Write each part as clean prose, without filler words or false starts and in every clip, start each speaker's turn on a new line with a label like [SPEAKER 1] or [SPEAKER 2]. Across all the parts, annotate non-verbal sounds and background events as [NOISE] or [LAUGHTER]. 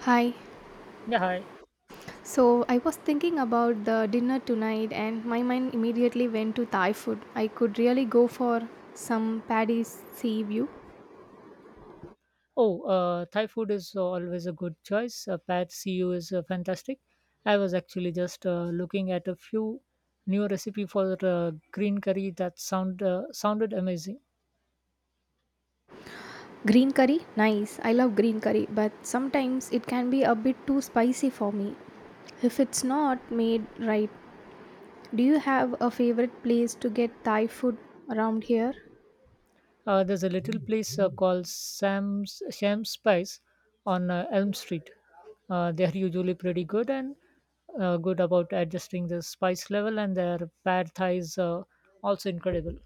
[SPEAKER 1] Hi.
[SPEAKER 2] Yeah, hi.
[SPEAKER 1] So I was thinking about the dinner tonight and my mind immediately went to Thai food. I could really go for some Paddy's sea view.
[SPEAKER 2] Oh, Thai food is always a good choice. Pad see ew is fantastic. I was actually just looking at a few new recipe for green curry that sounded amazing.
[SPEAKER 1] Green curry? Nice. I love green curry, but sometimes it can be a bit too spicy for me if it's not made right. Do you have a favorite place to get Thai food around here?
[SPEAKER 2] There's a little place called Sam's Sham Spice on Elm Street. They're usually pretty good and good about adjusting the spice level, and their pad Thai is also incredible.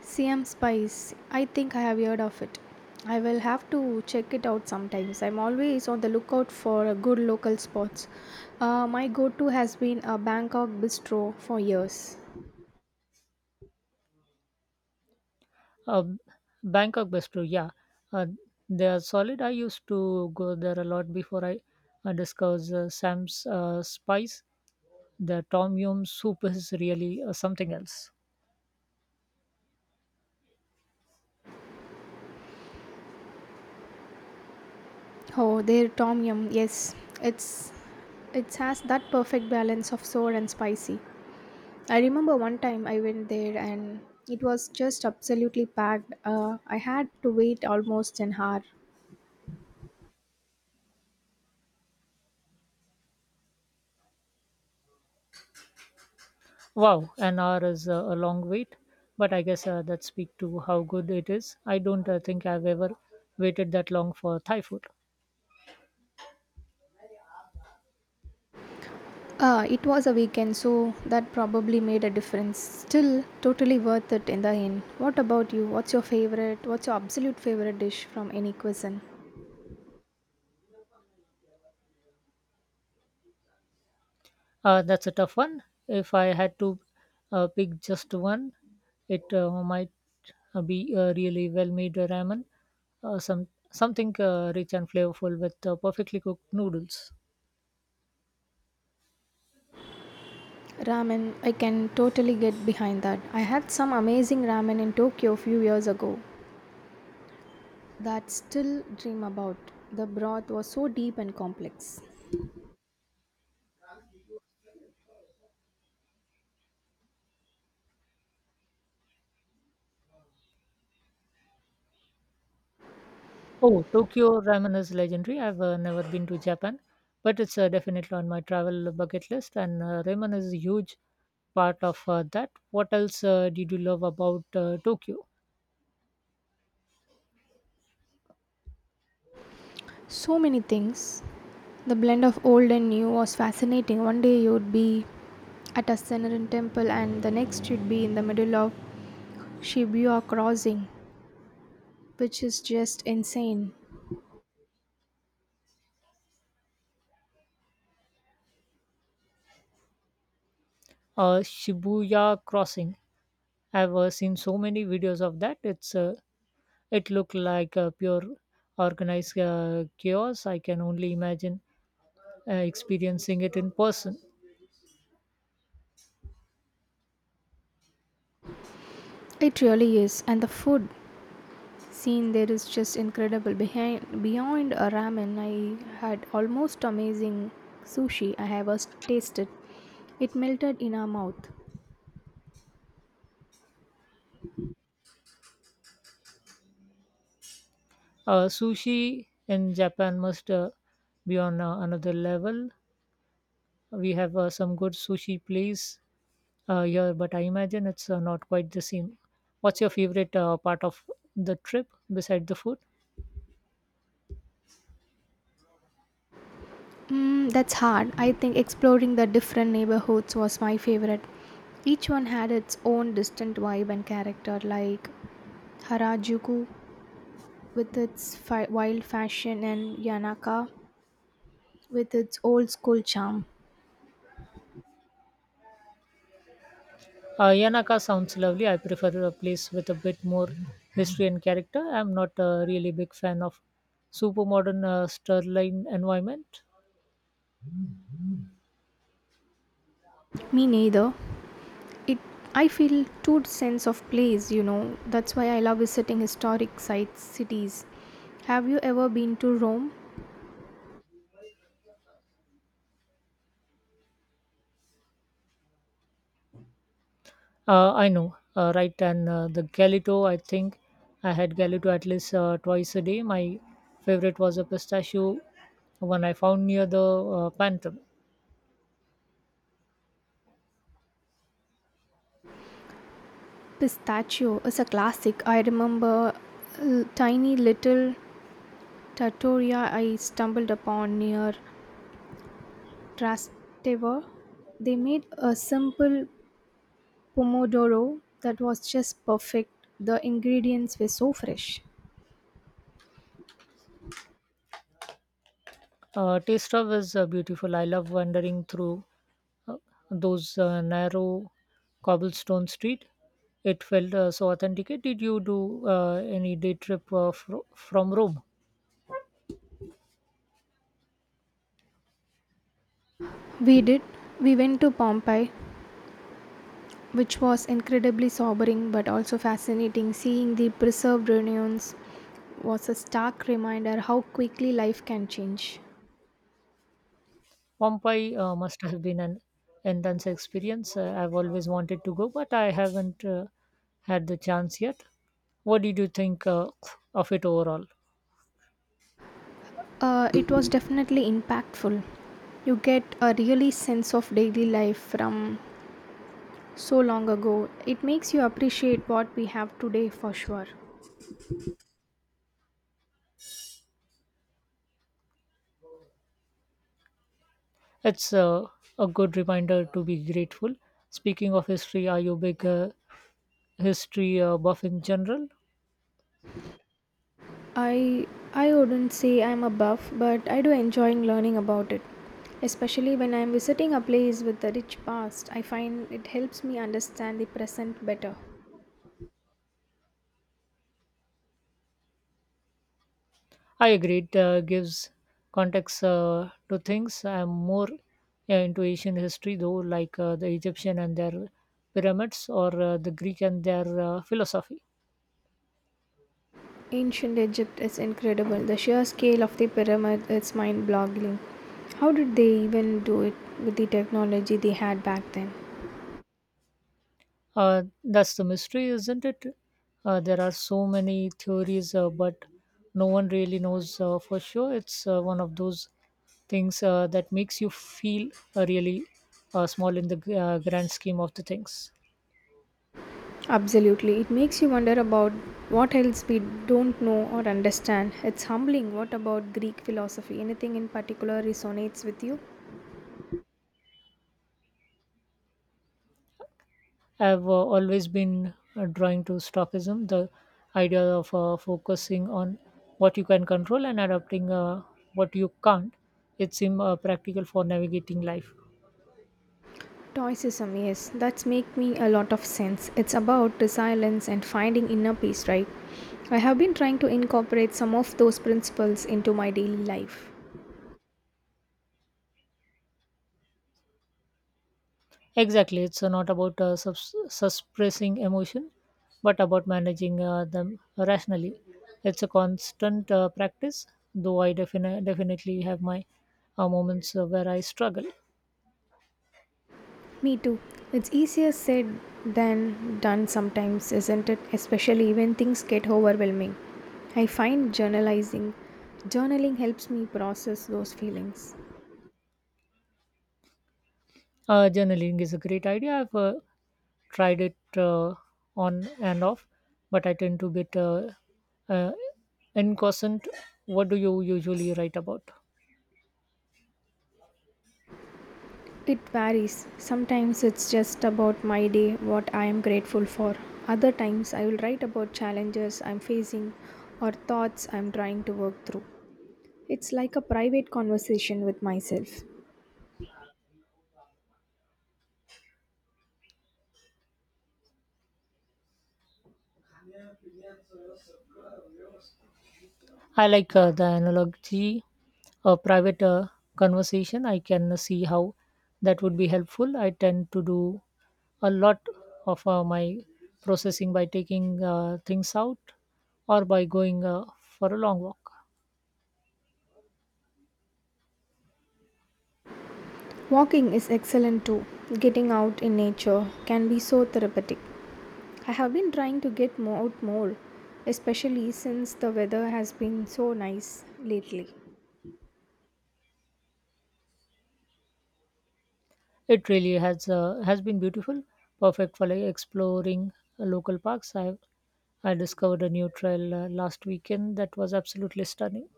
[SPEAKER 1] CM Spice, I think I have heard of it. I will have to check it out sometimes. I'm always on the lookout for a good local spots. My go-to has been a Bangkok bistro for years.
[SPEAKER 2] Uh, Bangkok Best Brew, yeah, uh, they are solid. I used to go there a lot before I discovered Sam's Spice. The Tom Yum soup is really something else.
[SPEAKER 1] Oh, their tom yum, yes, it's it has that perfect balance of sour and spicy. I remember one time I went there and it was just absolutely packed. I had to wait almost an hour.
[SPEAKER 2] Wow, an hour is a long wait, but I guess that speaks to how good it is. I don't think I've ever waited that long for Thai food.
[SPEAKER 1] It was a weekend, so that probably made a difference. Still, totally worth it in the end. What about you? What's your favorite? What's your absolute favorite dish from any cuisine?
[SPEAKER 2] That's a tough one. If I had to pick just one, it might be a really well-made ramen, some something rich and flavorful with perfectly cooked noodles.
[SPEAKER 1] Ramen, I can totally get behind that. I had some amazing ramen in Tokyo a few years ago that still dream about. The broth was so deep and complex.
[SPEAKER 2] Oh, Tokyo ramen is legendary. I've never been to Japan, but it's definitely on my travel bucket list, and ramen is a huge part of that. What else did you love about Tokyo?
[SPEAKER 1] So many things. The blend of old and new was fascinating. One day you would be at a Senarin temple and the next you'd be in the middle of Shibuya Crossing, which is just insane.
[SPEAKER 2] Shibuya Crossing. I've seen so many videos of that. It looked like a pure organized chaos. I can only imagine experiencing it in person.
[SPEAKER 1] It really is, and the food scene there is just incredible. Behind beyond a ramen, I had almost amazing sushi I have tasted. It melted in our mouth.
[SPEAKER 2] Sushi in Japan must be on another level. We have some good sushi place here, but I imagine it's not quite the same. What's your favorite part of the trip beside the food?
[SPEAKER 1] Mm, that's hard. I think exploring the different neighborhoods was my favorite. Each one had its own distinct vibe and character, like Harajuku with its wild fashion and Yanaka with its old school charm.
[SPEAKER 2] Yanaka sounds lovely. I prefer a place with a bit more history and character. I'm not a really big fan of super modern Sterling environment.
[SPEAKER 1] Me neither. It I feel two sense of place, you know. That's why I love visiting historic sites, cities. Have you ever been to Rome?
[SPEAKER 2] I know, right? And the Galito, I think I had Galito at least twice a day. My favorite was a pistachio one I found near the Panther.
[SPEAKER 1] Pistachio is a classic. I remember a tiny little trattoria I stumbled upon near Trastevere. They made a simple pomodoro that was just perfect. The ingredients were so fresh.
[SPEAKER 2] Taste of is beautiful. I love wandering through uh, those narrow cobblestone street. It felt so authentic. Did you do any day trip from Rome?
[SPEAKER 1] We did. We went to Pompeii, which was incredibly sobering but also fascinating. Seeing the preserved reunions was a stark reminder how quickly life can change.
[SPEAKER 2] Pompeii must have been an intense experience. I've always wanted to go, but I haven't had the chance yet. What did you think of it overall?
[SPEAKER 1] It was definitely impactful. You get a really sense of daily life from so long ago. It makes you appreciate what we have today for sure.
[SPEAKER 2] It's a good reminder to be grateful. Speaking of history, are you big history buff in general.
[SPEAKER 1] I I wouldn't say I'm a buff, but I do enjoying learning about it. Especially when I'm visiting a place with a rich past, I find it helps me understand the present better.
[SPEAKER 2] I agree, it gives context to things. I'm more into Asian history though, like the Egyptian and their pyramids, or the Greek and their philosophy.
[SPEAKER 1] Ancient Egypt is incredible. The sheer scale of the pyramid is mind-boggling. How did they even do it with the technology they had back then?
[SPEAKER 2] That's the mystery, isn't it? There are so many theories, but no one really knows for sure. It's one of those things that makes you feel really small in the grand scheme of the things.
[SPEAKER 1] Absolutely. It makes you wonder about what else we don't know or understand. It's humbling. What about Greek philosophy? Anything in particular resonates with you?
[SPEAKER 2] I've always been drawn to stockism, the idea of focusing on what you can control and adapting what you can't. It seems practical for navigating life.
[SPEAKER 1] Stoicism, yes, that's make me a lot of sense. It's about resilience and finding inner peace, right? I have been trying to incorporate some of those principles into my daily life.
[SPEAKER 2] Exactly, it's not about suppressing emotion, but about managing them rationally. It's a constant practice, though I definitely have my moments where I struggle.
[SPEAKER 1] Me too. It's easier said than done sometimes, isn't it? Especially when things get overwhelming. I find journalizing journaling helps me process those feelings.
[SPEAKER 2] Journaling is a great idea. I've tried it on and off, but I tend to get uh, inconstant. What do you usually write about?
[SPEAKER 1] It varies. Sometimes it's just about my day, what I am grateful for. Other times I will write about challenges I'm facing or thoughts I'm trying to work through. It's like a private conversation with myself.
[SPEAKER 2] I like the analogy, a private conversation. I can see how that would be helpful. I tend to do a lot of my processing by taking things out or by going for a long walk.
[SPEAKER 1] Walking is excellent too. Getting out in nature can be so therapeutic. I have been trying to get out more, especially since the weather has been so nice lately.
[SPEAKER 2] It really has been beautiful, perfect for like exploring local parks. I discovered a new trail last weekend that was absolutely stunning.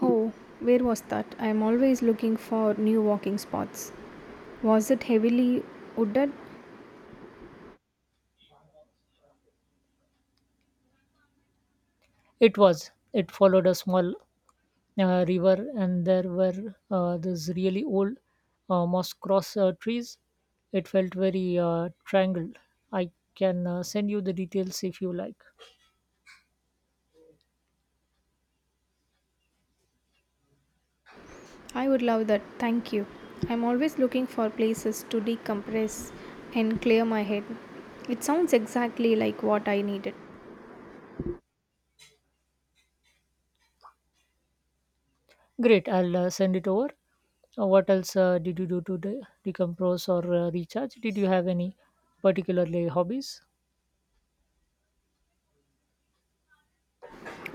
[SPEAKER 1] Oh, where was that? I am always looking for new walking spots. Was it heavily wooded?
[SPEAKER 2] It was. It followed a small river, and there were these really old moss cross trees. It felt very triangled. I can send you the details if you like.
[SPEAKER 1] I would love that, thank you. I'm always looking for places to decompress and clear my head. It sounds exactly like what I needed.
[SPEAKER 2] Great, I'll send it over. What else did you do to decompress or recharge? Did you have any particularly hobbies?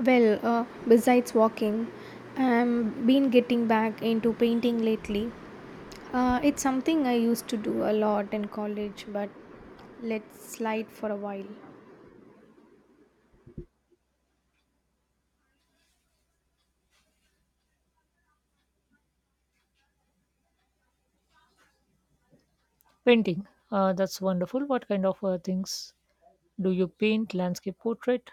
[SPEAKER 1] Well, besides walking, I've been getting back into painting lately. It's something I used to do a lot in college, but let's slide for a while.
[SPEAKER 2] Painting. That's wonderful. What kind of things do you paint? Landscape portrait.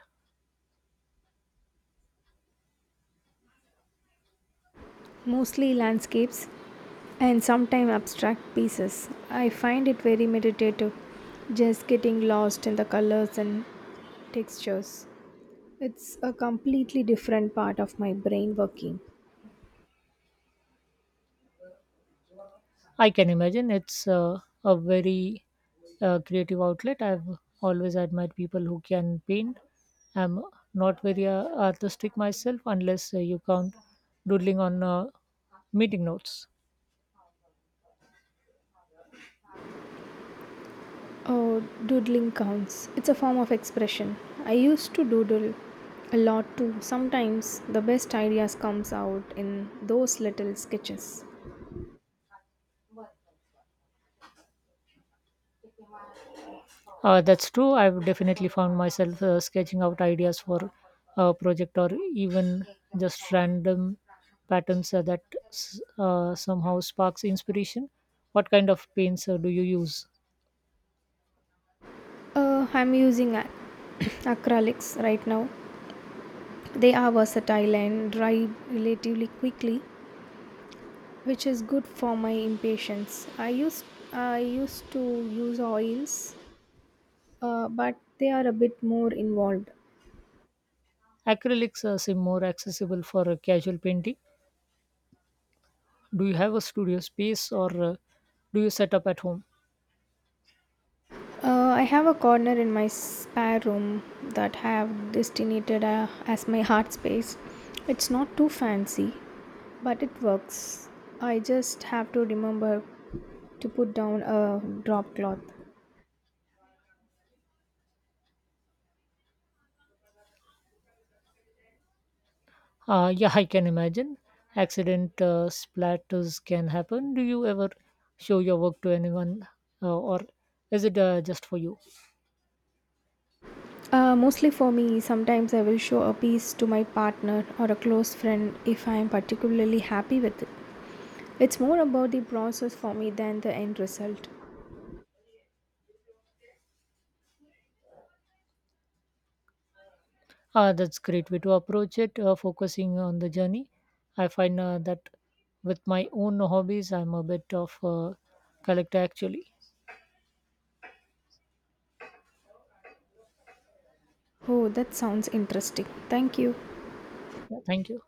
[SPEAKER 1] Mostly landscapes, and sometimes abstract pieces. I find it very meditative, just getting lost in the colors and textures. It's a completely different part of my brain working.
[SPEAKER 2] I can imagine it's a very creative outlet. I've always admired people who can paint. I'm not very artistic myself, unless you count doodling on meeting notes.
[SPEAKER 1] Oh, doodling counts. It's a form of expression. I used to doodle a lot too. Sometimes the best ideas comes out in those little sketches.
[SPEAKER 2] That's true. I've definitely found myself sketching out ideas for a project or even just random patterns that somehow sparks inspiration. What kind of paints do you use?
[SPEAKER 1] I'm using [COUGHS] acrylics right now. They are versatile and dry relatively quickly which is good for my impatience. I used to use oils, but they are a bit more involved.
[SPEAKER 2] Acrylics seem more accessible for casual painting. Do you have a studio space or do you set up at home?
[SPEAKER 1] I have a corner in my spare room that I have designated as my heart space. It's not too fancy, but it works. I just have to remember to put down a drop cloth.
[SPEAKER 2] Yeah, I can imagine. Accident splatters can happen. Do you ever show your work to anyone or is it just for you?
[SPEAKER 1] Mostly for me, sometimes I will show a piece to my partner or a close friend if I am particularly happy with it. It's more about the process for me than the end result.
[SPEAKER 2] Ah, that's great way to approach it, focusing on the journey. I find that with my own hobbies, I'm a bit of a collector actually.
[SPEAKER 1] Oh, that sounds interesting. Thank you.
[SPEAKER 2] Yeah, thank you.